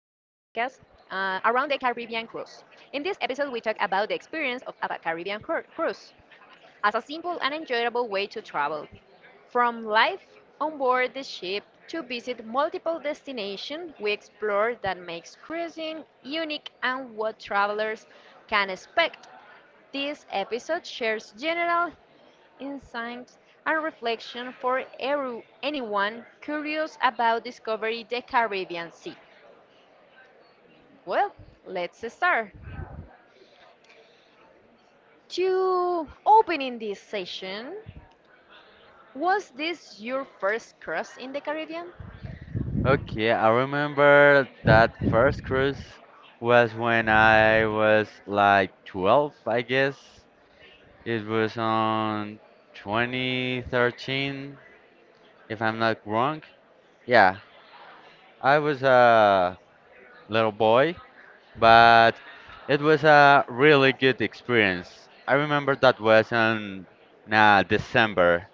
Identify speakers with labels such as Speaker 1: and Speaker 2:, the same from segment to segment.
Speaker 1: cruise. In this episode, we talk about the experience of a Caribbean cruise as a simple and enjoyable way to travel, from life on board the ship to visit multiple destinations we explore that makes cruising unique and what travelers can expect. This episode shares general insight, and reflection for anyone curious about discovering the Caribbean Sea. Well, let's start. To opening this session, was this your first cross in the Caribbean?
Speaker 2: Okay, I remember that first cruise was when I was like 12, I guess. It was on 2013, if I'm not wrong. Yeah, I was a little boy, but it was a really good experience. I remember that was on December.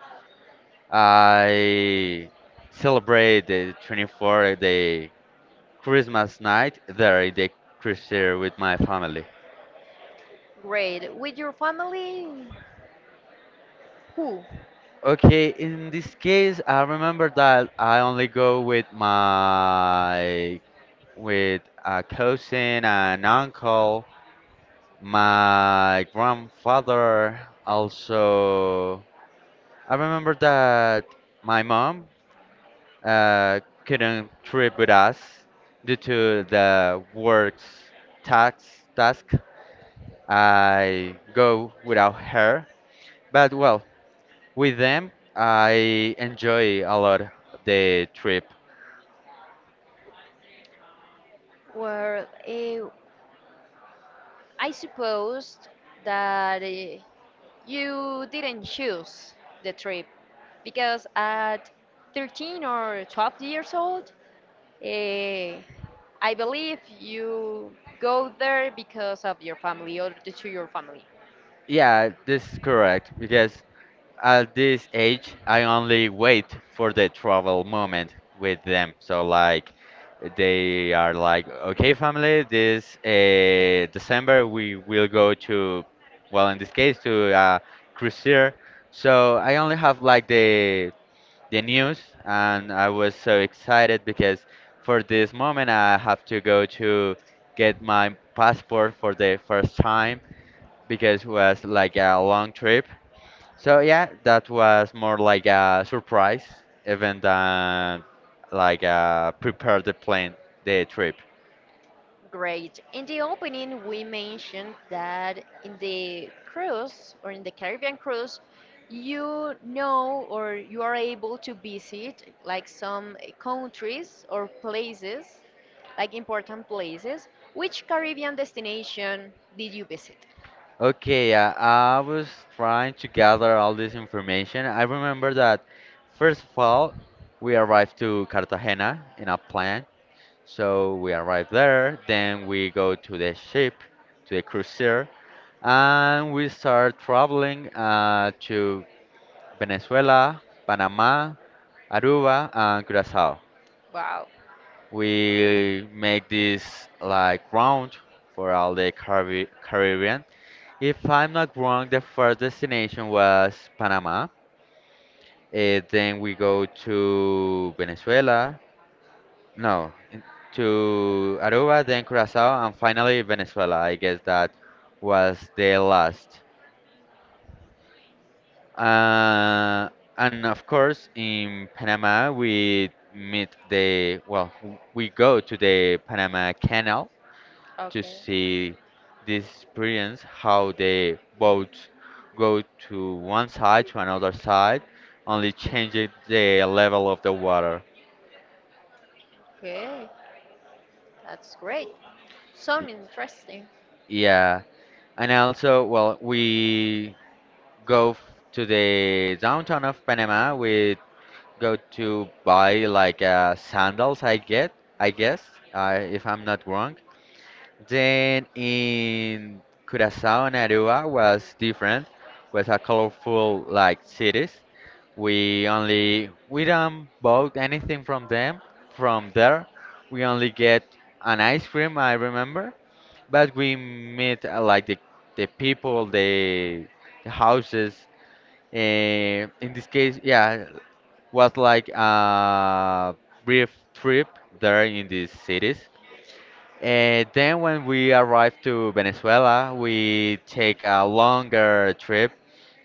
Speaker 2: I celebrated the 24th day, Christmas night, there in the cruiser with my family.
Speaker 1: Great. With your family, who?
Speaker 2: Okay, in this case, I remember that I only go with my with a cousin and uncle, my grandfather. Also, I remember that my mom couldn't trip with us due to the work's tax task. I go without her, but well, with them, I enjoy a lot the trip.
Speaker 1: Well, eh, I suppose that you didn't choose the trip because at 13 or 12 years old, Eh, I believe you go there because of your family or due to your family.
Speaker 2: Yeah, this is correct because at this age, I only wait for the travel moment with them. So like, they are like, okay, family, this December we will go to, well, in this case, to cruiser. So I only have like the news, and I was so excited because for this moment I have to go to get my passport for the first time because it was like a long trip. So yeah, that was more like a surprise even than like prepare the plane, the trip.
Speaker 1: Great. In the opening, we mentioned that in the cruise or in the Caribbean cruise, you know or you are able to visit like some countries or places, like important places. Which Caribbean destination did you visit?
Speaker 2: Okay, I was trying to gather all this information. I remember that first of all, we arrived to Cartagena in a plane. So we arrive there, then we go to the ship, to the cruiser, and we start traveling to Venezuela, Panama, Aruba, and Curacao.
Speaker 1: Wow.
Speaker 2: We make this like round for all the Caribbean. If I'm not wrong, the first destination was Panama. Eh, then we go to Venezuela, no, to Aruba, then Curacao, and finally Venezuela. I guess that was the last. Uh, and of course, in Panama, we meet the, well, we go to the Panama Canal to
Speaker 1: Okay.
Speaker 2: see this experience, how the boats go to one side to another side, only changing the level of the water.
Speaker 1: Okay. That's great. Sound interesting.
Speaker 2: Yeah. And also, well, we go f- to the downtown of Panama. We go to buy like sandals, I get, I guess, if I'm not wrong. Then in Curacao and Aruba was different, was a colorful like cities. We only we don't bought anything from them. From there, we only get an ice cream, I remember. But we meet like the people, the houses. Eh, in this case, yeah, was like a brief trip there in these cities. And then when we arrived to Venezuela, we take a longer trip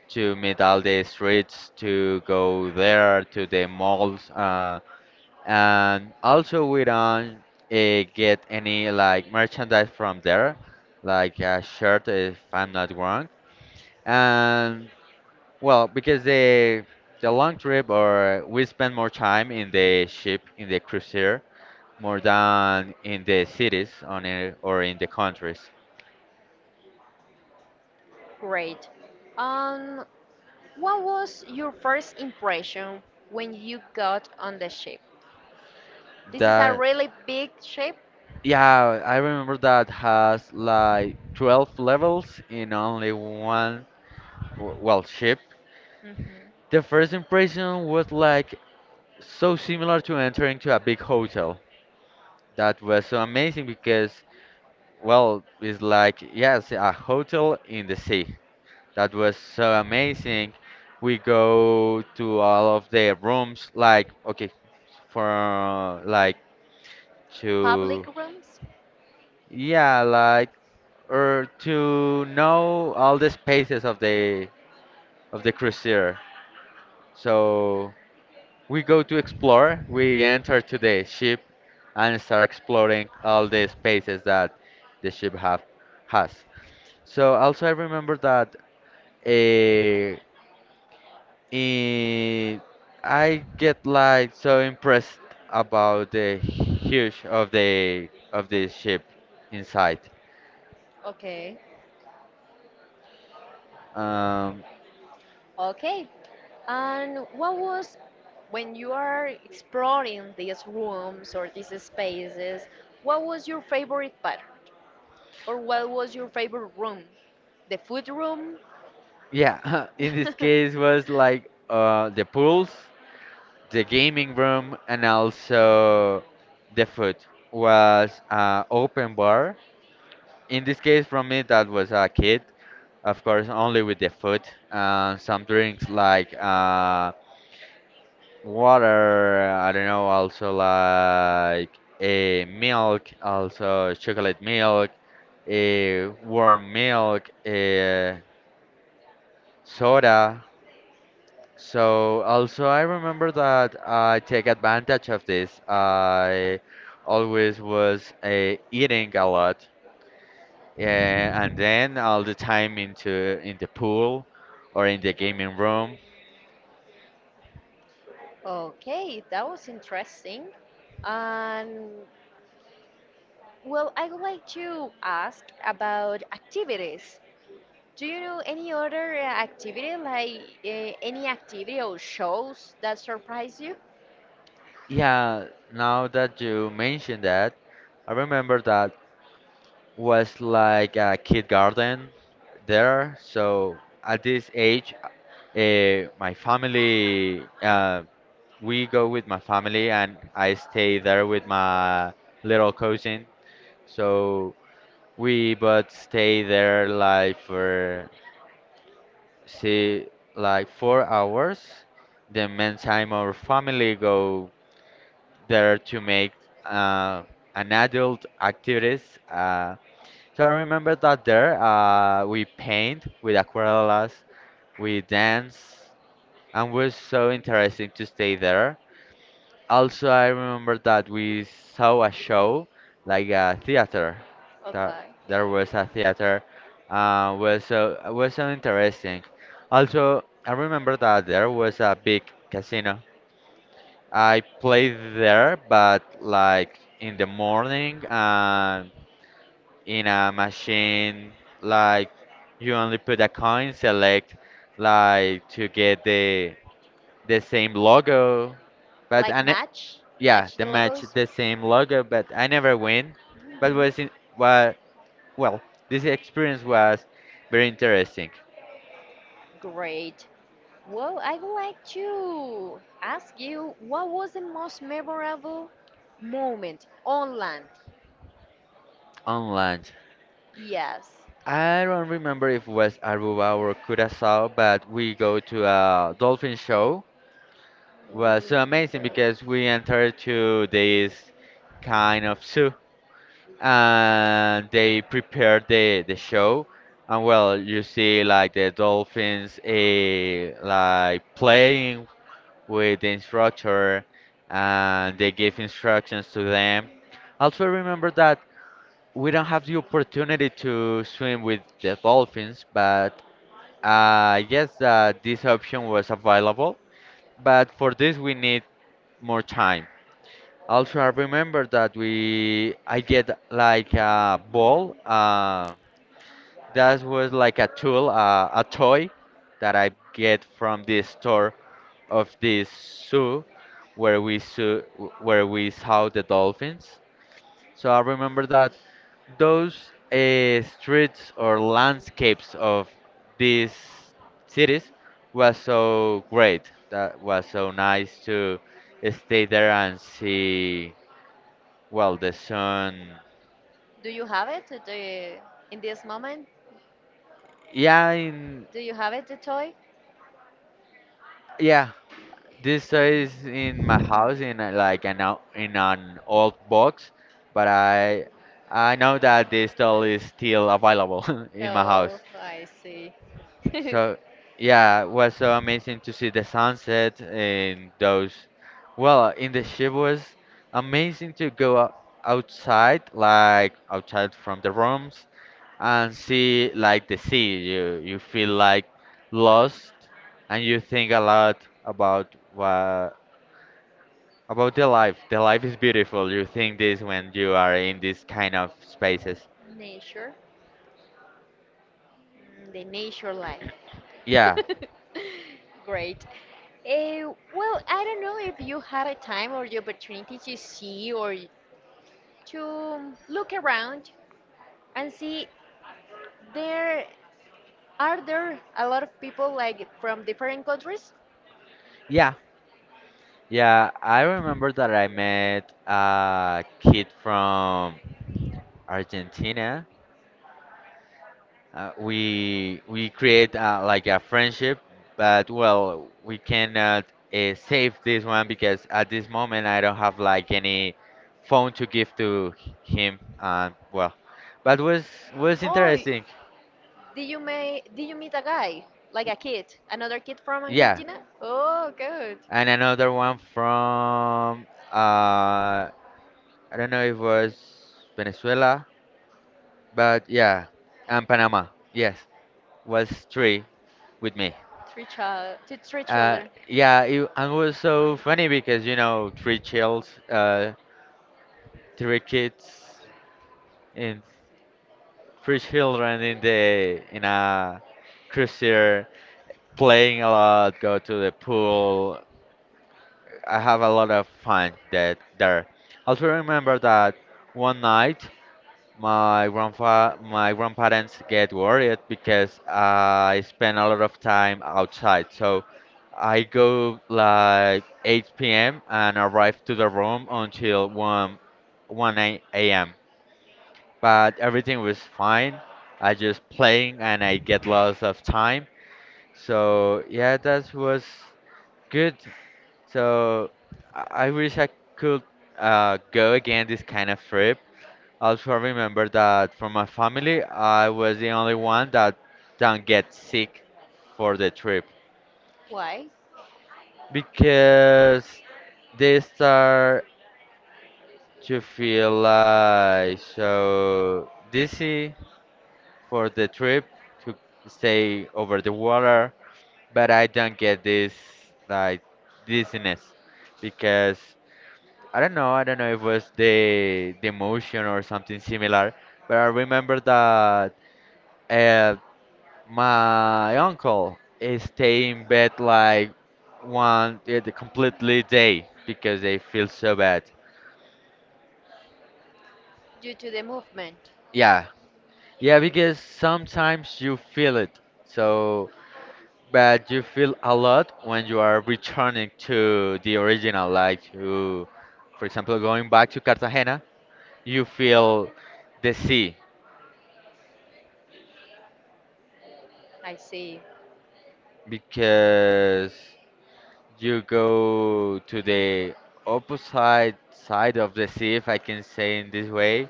Speaker 2: to meet all the streets, to go there to the malls, and also we don't get any like merchandise from there, like a shirt if I'm not wrong. And well, because the long trip or we spend more time in the ship in the cruiser more than in the cities on it or in the countries.
Speaker 1: Great. Um, what was your first impression when you got on the ship? This is a
Speaker 2: That,
Speaker 1: really big ship.
Speaker 2: yeah, I remember that has like 12 levels in only one well ship.
Speaker 1: Mhm.
Speaker 2: The first impression was like so similar to entering to a big hotel. That was so amazing because well, it's like yes, a hotel in the sea. That was so amazing. We go to all of the rooms, like, okay, for like
Speaker 1: Public
Speaker 2: to,
Speaker 1: rooms.
Speaker 2: yeah, like, or to know all the spaces of the cruiser. So we go to explore. We enter to the ship and start exploring all the spaces that the ship have has. So also I remember that eh, Eh, I get like so impressed about the huge of the ship inside.
Speaker 1: Okay.
Speaker 2: Um,
Speaker 1: Okay. And what was when you are exploring these rooms or these spaces? What was your favorite part, or what was your favorite room? The food room,
Speaker 2: yeah, in this case was like the pools, the gaming room, and also the food was open bar. In this case, from me that was a kid, of course, only with the food and some drinks like. Water, I don't know, also like a milk, also chocolate milk, a warm milk, a soda. So also I remember that I take advantage of this. I always was eating a lot, and then all the time into in the pool or in the gaming room.
Speaker 1: Okay, that was interesting. And well, I would like to ask about activities. Do you know any other activity, like any activity or shows that surprise you?
Speaker 2: Yeah, now that you mention that, I remember that was like a kid garden there. So at this age, uh, my family, uh, we go with my family and I stay there with my little cousin. So we both stay there like for see like 4 hours. The meantime, our family go there to make uh, an adult activities. So I remember that there we paint with aquarellas, we dance, and was so interesting to stay there. Also, I remember that we saw a show, like a theater. That
Speaker 1: Okay,
Speaker 2: there was a theater, was so interesting. Also, I remember that there was a big casino. I played there, but like in the morning and in a machine like you only put a coin select like to get the same logo but
Speaker 1: like match,
Speaker 2: yeah,
Speaker 1: match the
Speaker 2: the match
Speaker 1: logos.
Speaker 2: the same logo but I never win but
Speaker 1: Mhm.
Speaker 2: was in wa well this experience was very interesting
Speaker 1: Great. Well, I would like to ask you, what was the most memorable moment on land?
Speaker 2: on land.
Speaker 1: Yes.
Speaker 2: I don't remember if it was Aruba or Curacao but we go to a dolphin show. Was so
Speaker 1: Mm,
Speaker 2: amazing
Speaker 1: but
Speaker 2: because we entered to this kind of zoo and they prepared the show and well you see like the dolphins like playing with the instructor and they give instructions to them. Also remember that we don't have the opportunity to swim with the dolphins but I guess that this option was available but for this we need more time. Also I remember that we I get like a ball, that was like a tool, a toy that I get from the store of this zoo where we saw, where we saw the dolphins. So I remember that those streets or landscapes of these cities was so great. That was so nice to stay there and see, well, the sun.
Speaker 1: do you have it? In this moment,
Speaker 2: Yeah, in,
Speaker 1: do you have it, the toy?
Speaker 2: yeah, this is in my
Speaker 1: Mhm.
Speaker 2: house in a, like in an old box, but I know that this doll is still available in my house.
Speaker 1: Oh, I see.
Speaker 2: So yeah, it was so amazing to see the sunset and those. Well, in the ship was amazing to outside, like outside from the rooms and see like the sea. You feel like lost and you think a lot about what about the life is beautiful. You think this when you are in these kind of spaces.
Speaker 1: Nature. Mm, the nature life.
Speaker 2: Yeah,
Speaker 1: Great. Well, I don't know if you had a time or the opportunity to see or to look around and see there, are there a lot of people like from different countries?
Speaker 2: yeah, yeah. I remember that I met a kid from Argentina. We create like a friendship, but well, we cannot save this one because at this moment I don't have like any phone to give to him. But was
Speaker 1: Oh,
Speaker 2: interesting.
Speaker 1: did you meet a guy, like a kid, another kid from
Speaker 2: Yeah,
Speaker 1: Argentina? Oh, good.
Speaker 2: and another one from uh, I don't know if it was Venezuela, but yeah, and Panama. Yes, was three with me.
Speaker 1: Three child, two, three
Speaker 2: Uh,
Speaker 1: children.
Speaker 2: yeah, it, and it was so funny because you know three kids, in three children in the in a cruiser playing a lot, go to the pool. I have a lot of fun that there. Also remember that one night my grandparents get worried because I spend a lot of time outside. So I go like 8 p.m. and arrive to the room until 1 a.m. But everything was fine. I just playing and I get lots of time. So yeah, that was good. So I wish I could go again this kind of trip. Also, remember that from my family, I was the only one that don't get sick for the trip
Speaker 1: Why?
Speaker 2: because they start to feel like so dizzy for the trip to stay over the water, but I don't get this like dizziness because I don't know if it was the motion or something similar, but I remember that uh, my uncle is stay in bed like one, yeah, the completely day because they feel so bad.
Speaker 1: Due to the movement.
Speaker 2: Yeah, yeah, because sometimes you feel it. So, but you feel a lot when you are returning to the original, like you, for example, going back to Cartagena, you feel the sea
Speaker 1: I see.
Speaker 2: because you go to the opposite side of the sea, if I can say in this way.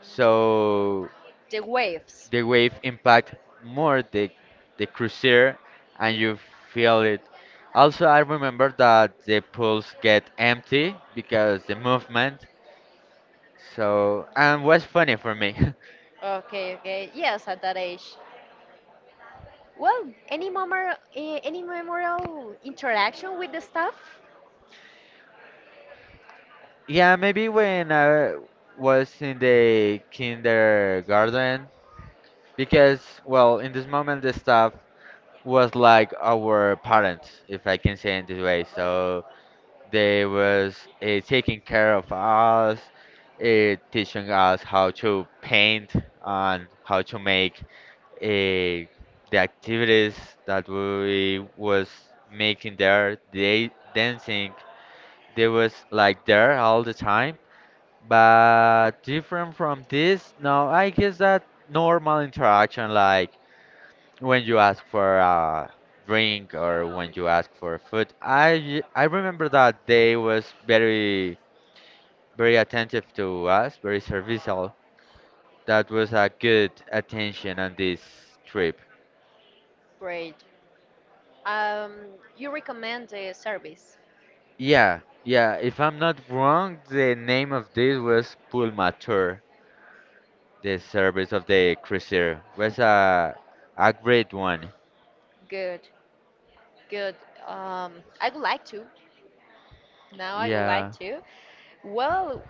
Speaker 2: So
Speaker 1: The waves.
Speaker 2: the wave impact more the cruiser and you feel it. Also, I remember that the pools get empty because the movement. So and was funny for me.
Speaker 1: Okay, okay. Yes, at that age. Well, any memorable interaction with the staff?
Speaker 2: Yeah, maybe when I was in the kindergarten because well, in this moment the staff was like our parents, if I can say in this way. So they was taking care of us, teaching us how to paint and how to make uh, the activities that we was making there. They dancing. They was like there all the time. But different from this, no, I guess that normal interaction, like when you ask for a drink or when you ask for food, I remember that they was very attentive to us, very serviceable. That was a good attention on this trip.
Speaker 1: Great. Um, you recommend the service.
Speaker 2: Yeah, yeah, if I'm not wrong, the name of this was Pulmatur, the service of the cruiser. Was
Speaker 1: Mhm.
Speaker 2: a great one.
Speaker 1: Good, good. I would like to. Now I would
Speaker 2: Yeah.
Speaker 1: like to. Well,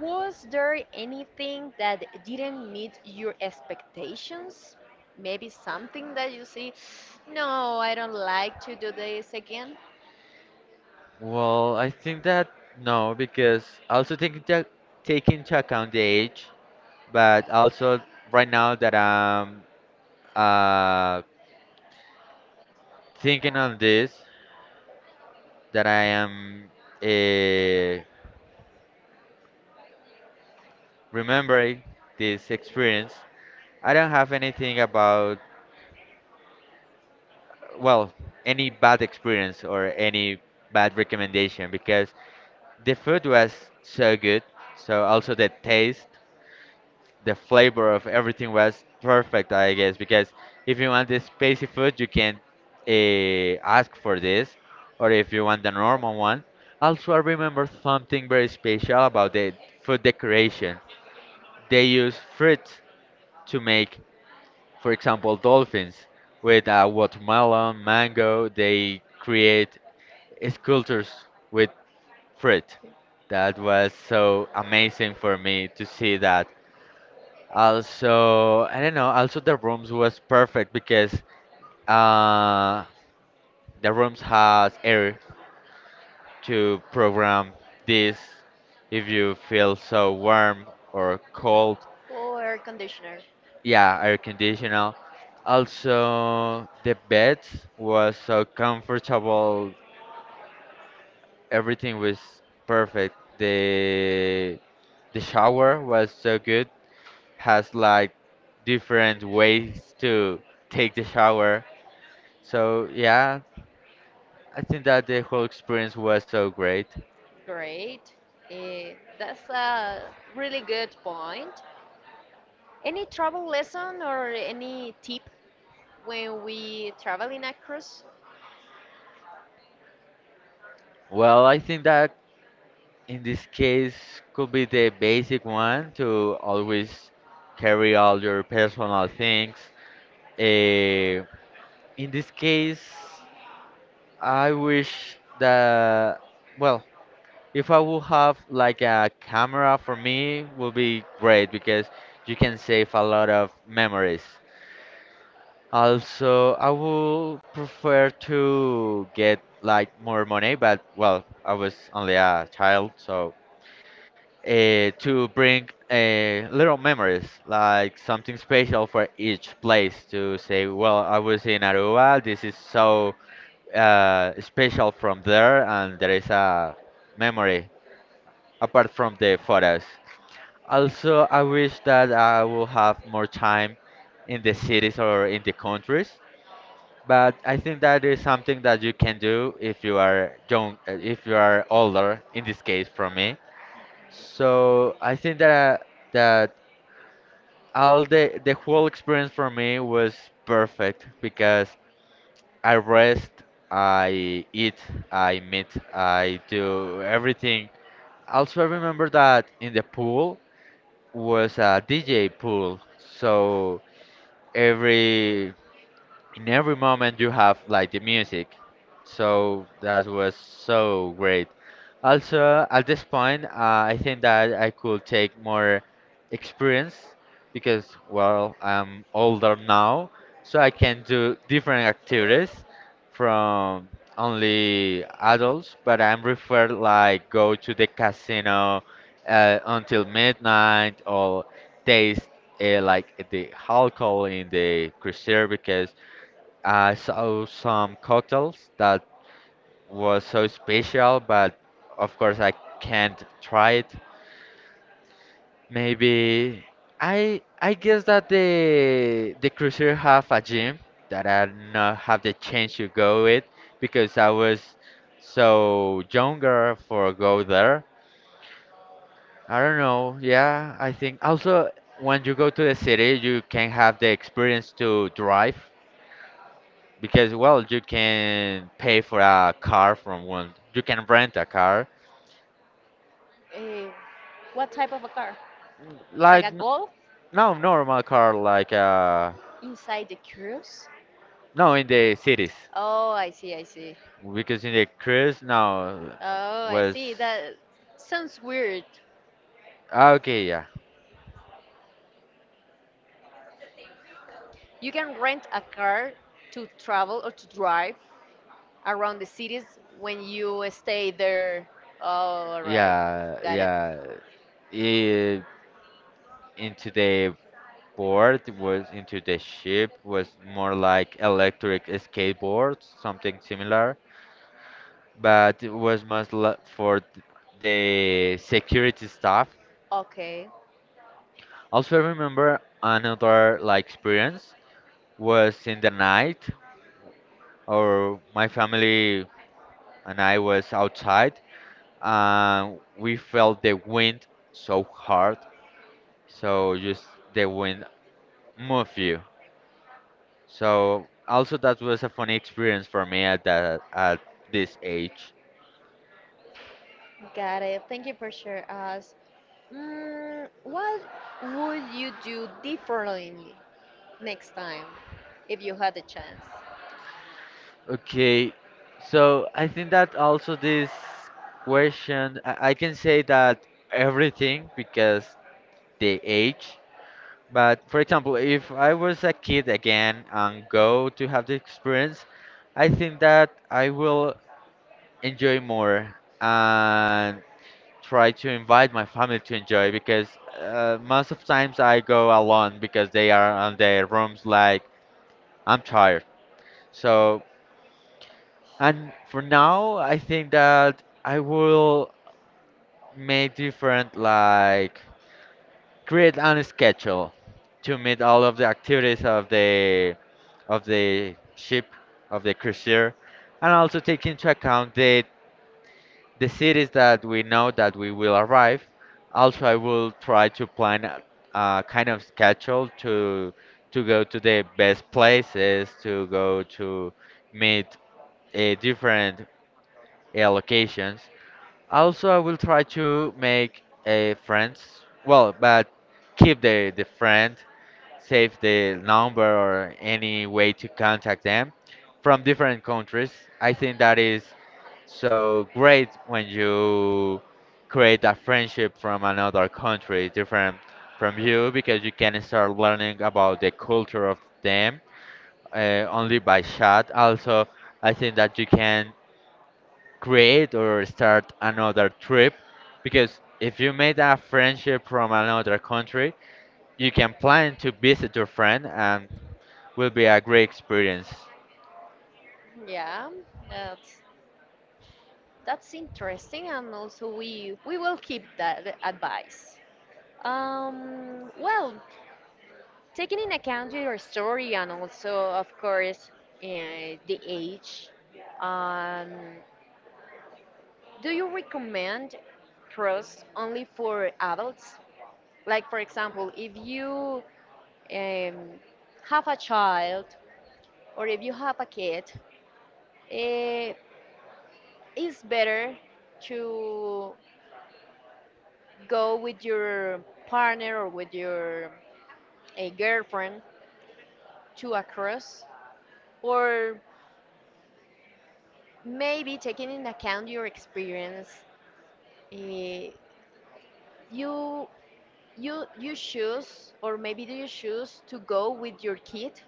Speaker 1: was there anything that didn't meet your expectations? Maybe something that you see, no, I don't like to do this again,
Speaker 2: Well, I think that no, because also take into account the age, but also right now that I'm uh, thinking on this, that I am uh, remembering this experience, I don't have anything about, well, any bad experience or any bad recommendation because the food was so good. So also the taste, the flavor of everything was perfect, I guess, because if you want the spicy food, you can ask for this, or if you want the normal one. Also, I remember something very special about the food decoration. They use fruits to make for example, dolphins with watermelon, mango, they create sculptures with fruit. That was so amazing for me to see that. Also, I don't know, also the rooms was perfect because uh, the rooms has air to program this if you feel so warm or cold.
Speaker 1: or air conditioner.
Speaker 2: Yeah, air conditioner. Also, the bed was so comfortable. Everything was perfect. The shower was so good. Has like different ways to take the shower. So yeah, I think that the whole experience was so great.
Speaker 1: Great. That's a really good point. Any travel lesson or any tip when we travel in a cruise,
Speaker 2: Well, I think that in this case could be the basic one to always carry all your personal things. Uh, In this case, I wish that, well, if I would have like a camera for me, would be great because you can save a lot of memories. Also, I would prefer to get like more money, but well, I was only a child, so to bring little memories, like something special for each place to say, well, I was in Aruba, this is so special from there, and there is a memory apart from the photos. Also, I wish that I will have more time in the cities or in the countries. But I think that is something that you can do if you are young, if you are older, in this case from me. So I think that that all the whole experience for me was perfect because I rest, I eat, I meet, I do everything. Also, I remember that in the pool was a DJ pool, so every in every moment you have like the music, so that was so great. Also at this point, I think that I could take more experience because well I'm older now, so I can do different activities from only adults, but I'm referred like go to the casino until midnight or taste like the alcohol in the cruiser because I saw some cocktails that was so special, but of course I can't try it. Maybe I guess that the cruiser have a gym that I not have the chance to go with because I was so younger for go there. I don't know. Yeah, I think also when you go to the city, you can have the experience to drive because well you can pay for a car from one you can rent a car
Speaker 1: Eh, what type of a car? Like
Speaker 2: like
Speaker 1: a golf
Speaker 2: no normal car like
Speaker 1: inside the cruise.
Speaker 2: no in the cities
Speaker 1: Oh, I see, I see.
Speaker 2: because in the cruise no
Speaker 1: Oh, I
Speaker 2: was.
Speaker 1: see. That sounds weird.
Speaker 2: Ah, okay, yeah,
Speaker 1: You can rent a car to travel or to drive around the cities when you stay there. Oh, all right.
Speaker 2: yeah,
Speaker 1: Got it.
Speaker 2: yeah, it, into the into the ship was more like electric skateboards something similar, but it was much for the security staff.
Speaker 1: Okay,
Speaker 2: Also remember another like experience was in the night or my family and I was outside and we felt the wind so hard, so just the wind move you. So also that was a funny experience for me at that at this age.
Speaker 1: got it. Thank you for sharing us. Mm, what would you do differently next time if you had a chance.
Speaker 2: Okay, so I think that also this question I can say that everything because the age. But for example, if I was a kid again and go to have the experience, I think that I will enjoy more and try to invite my family to enjoy because most of times I go alone because they are on their rooms like I'm tired. So, and for now, I think that I will make different like create a schedule to meet all of the activities of the ship of the cruiser, and also take into account the cities that we know that we will arrive. Also, I will try to plan a kind of schedule to go to the best places, to go to meet different locations. Also, I will try to make friends. Well, but keep the friend, save the number or any way to contact them from different countries. I think that is so great when you create a friendship from another country different from you because you can start learning about the culture of them, only by chat. Also, I think that you can create or start another trip because if you made a friendship from another country, you can plan to visit your friend and will be a great experience.
Speaker 1: Yeah, that's that's interesting, and also we will keep that advice. Well, taking in account your story and also, of course, the age, um, do you recommend pros only for adults? Like, for example, if you um, have a child or if you have a kid, uh, it's better to go with your partner or with your a girlfriend to a cruise or maybe taking in account your experience, eh, you you choose or maybe do you choose to go with your kid.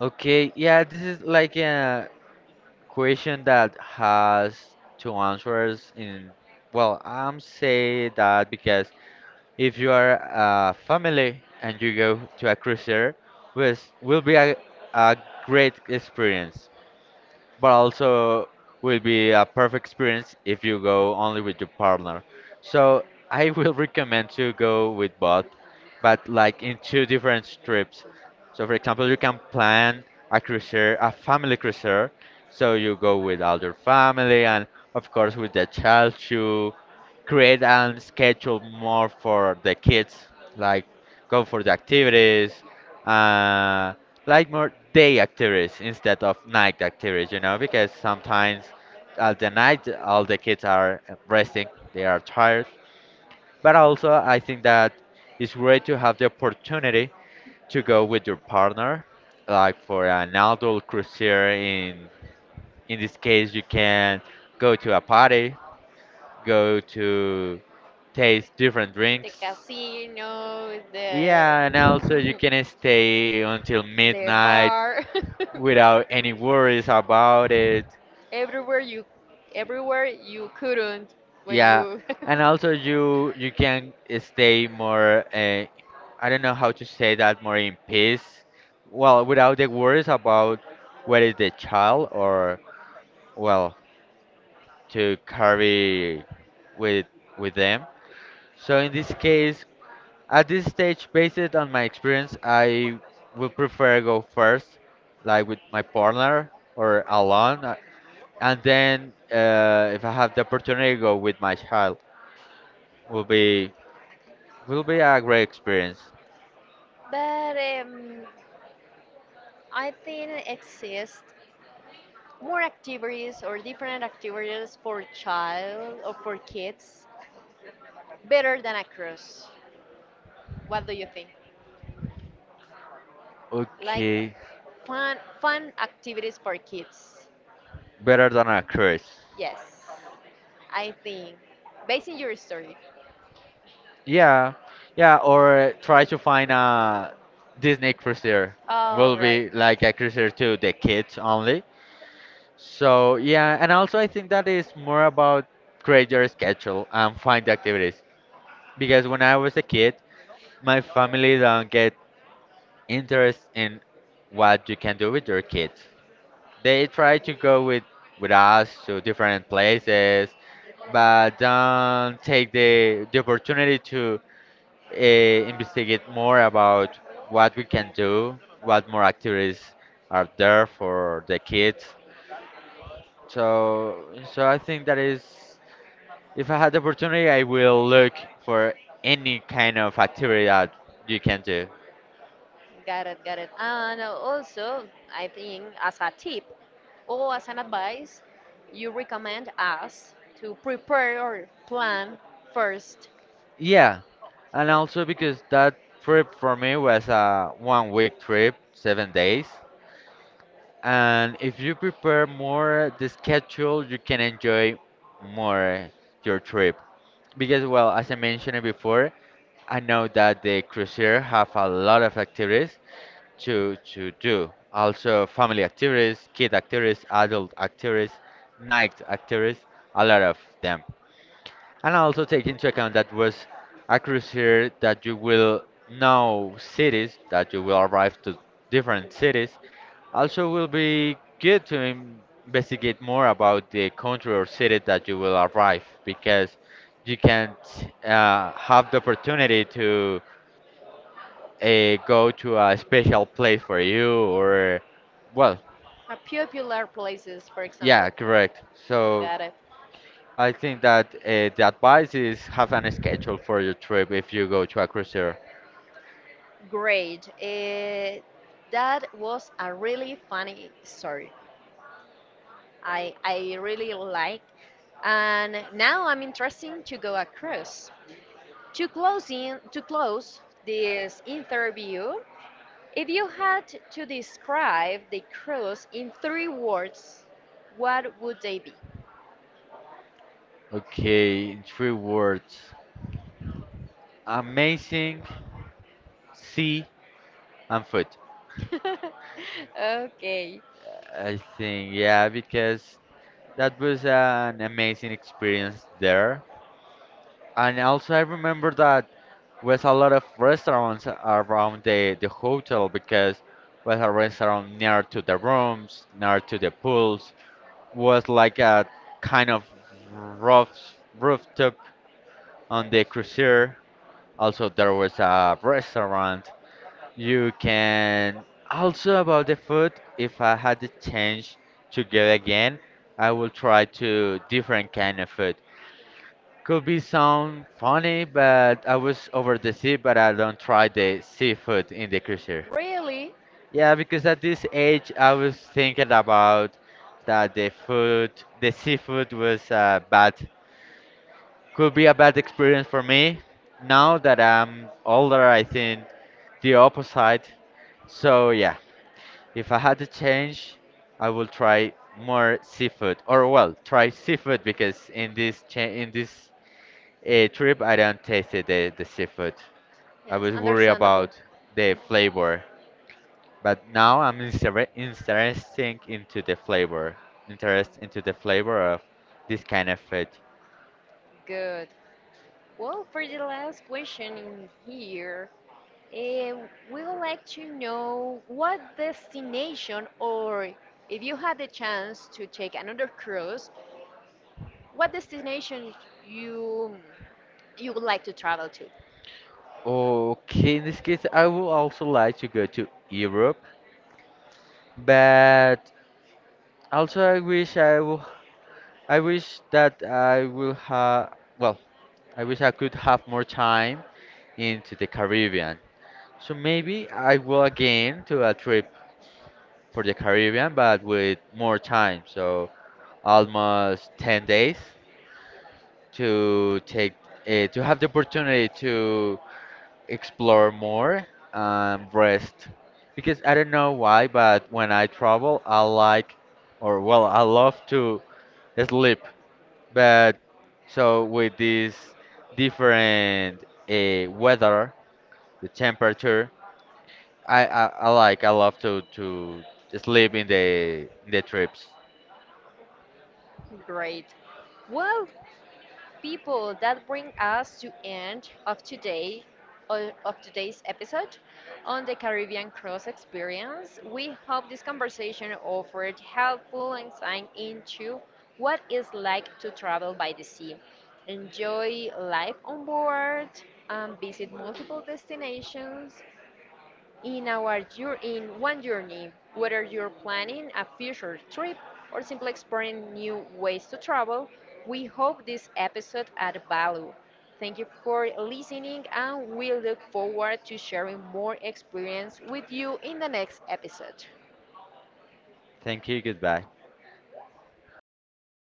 Speaker 2: Okay, yeah, this is like a question that has two answers in, well, I'm say that because if you are a family and you go to a cruiser, this will be a great experience. But also will be a perfect experience if you go only with your partner. So I will recommend to go with both, but like in two different trips. So for example, you can plan a cruiser, a family cruiser, so you go with all your family and of course with the child to create and schedule more for the kids, like go for the activities, uh, like more day activities instead of night activities, you know, because sometimes at the night all the kids are resting, they are tired. But also, I think that it's great to have the opportunity to go with your partner, like for an adult cruiser. In this case, you can go to a party, go to taste different
Speaker 1: The
Speaker 2: drinks.
Speaker 1: casino,
Speaker 2: Yeah, and also
Speaker 1: the
Speaker 2: you can stay until
Speaker 1: the
Speaker 2: midnight
Speaker 1: bar
Speaker 2: without any worries about it.
Speaker 1: everywhere you everywhere you couldn't when
Speaker 2: Yeah,
Speaker 1: you
Speaker 2: and also you can stay more. I don't know how to say that more in peace. Well, without the worries about where is the child or well to carry with them. So in this case, at this stage, based on my experience, I would prefer go first, like with my partner or alone. And then if I have the opportunity to go with my child, will be a great experience.
Speaker 1: But I think exist more activities or different activities for child or for kids better than a cruise. What do you think? Like
Speaker 2: Okay,
Speaker 1: fun activities for kids.
Speaker 2: better than a cruise.
Speaker 1: Yes, I think. Based on your story.
Speaker 2: Yeah, yeah, or try to find a Disney cruiser.
Speaker 1: All
Speaker 2: Will
Speaker 1: right.
Speaker 2: be like a cruiser to the kids only. So yeah, and also I think that is more about create your schedule and find activities. Because when I was a kid, my family don't get interest in what you can do with your kids. They try to go with us to different places, but don't take the opportunity to uh, investigate more about what we can do, what more activities are there for the kids. So I think that is, if I had the opportunity, I will look for any kind of activity that you can do.
Speaker 1: Got it, got it. And also, I think as a tip or as an advice, you recommend us to prepare or plan first
Speaker 2: Yeah, and also because that trip for me was a 1 week trip, 7 days. And if you prepare more the schedule, you can enjoy more your trip. Because, well, as I mentioned before, I know that the cruiser have a lot of activities to do. Also, family activities, kid activities, adult activities, night activities, a lot of them. And also take into account that was a cruiser that you will know cities, that you will arrive to different cities. Also, will be good to investigate more about the country or city that you will arrive because you can't have the opportunity to go to a special place for you or, well,
Speaker 1: a popular places, for
Speaker 2: yeah,
Speaker 1: example.
Speaker 2: correct. So
Speaker 1: Got it.
Speaker 2: I think that the advice is have an schedule for your trip if you go to a cruiser.
Speaker 1: Great. That was a really funny story. I really like. And now I'm interested to go across. To close this interview, if you had to describe the cruise in three words, what would they be?
Speaker 2: Okay, in three words, amazing, sea, and food.
Speaker 1: Okay.
Speaker 2: I think yeah, because that was an amazing experience there. And also, I remember that was a lot of restaurants around the hotel because was a restaurant near to the rooms, near to the pools, was like a kind of rough rooftop on the cruiser. Also, there was a restaurant. You can also about the food. If I had the chance to go again, I will try to different kind of food. Could be sound funny, but I was over the sea, but I don't try the seafood in the cruiser.
Speaker 1: Really?
Speaker 2: Yeah, because at this age I was thinking about that the food, the seafood was bad. Could be a bad experience for me. Now that I'm older, I think the opposite. So yeah, if I had to change, I will try more seafood, or well, try seafood because in this a trip, I don't tasted the seafood. I
Speaker 1: Yes,
Speaker 2: was worried
Speaker 1: understandable.
Speaker 2: about the
Speaker 1: Mhm.
Speaker 2: flavor, but now I'm interesting into the flavor, interest into the flavor of this kind of food.
Speaker 1: Good. Well, for the last question in here, eh, we would like to know what destination, or if you had the chance to take another cruise, what destination you you would like to travel to?
Speaker 2: Okay, in this case, I would also like to go to Europe, but also I wish that I will have, well, I wish I could have more time into the Caribbean. So maybe I will again to a trip for the Caribbean, but with more time. So almost 10 days to take to have the opportunity to explore more and rest. Because I don't know why, but when I travel, I like or well, I love to sleep. But so with this different weather, the temperature, I like I love to sleep in the trips.
Speaker 1: Great. Well, people, that bring us to end of today o- of today's episode on the Caribbean Cross Experience. We hope this conversation offered helpful insight into what it's like to travel by the sea. Enjoy life on board and visit multiple destinations in our in one journey, whether you're planning a future trip or simply exploring new ways to travel, we hope this episode add value. Thank you for listening and we look forward to sharing more experience with you in the next episode.
Speaker 2: Thank you. Goodbye.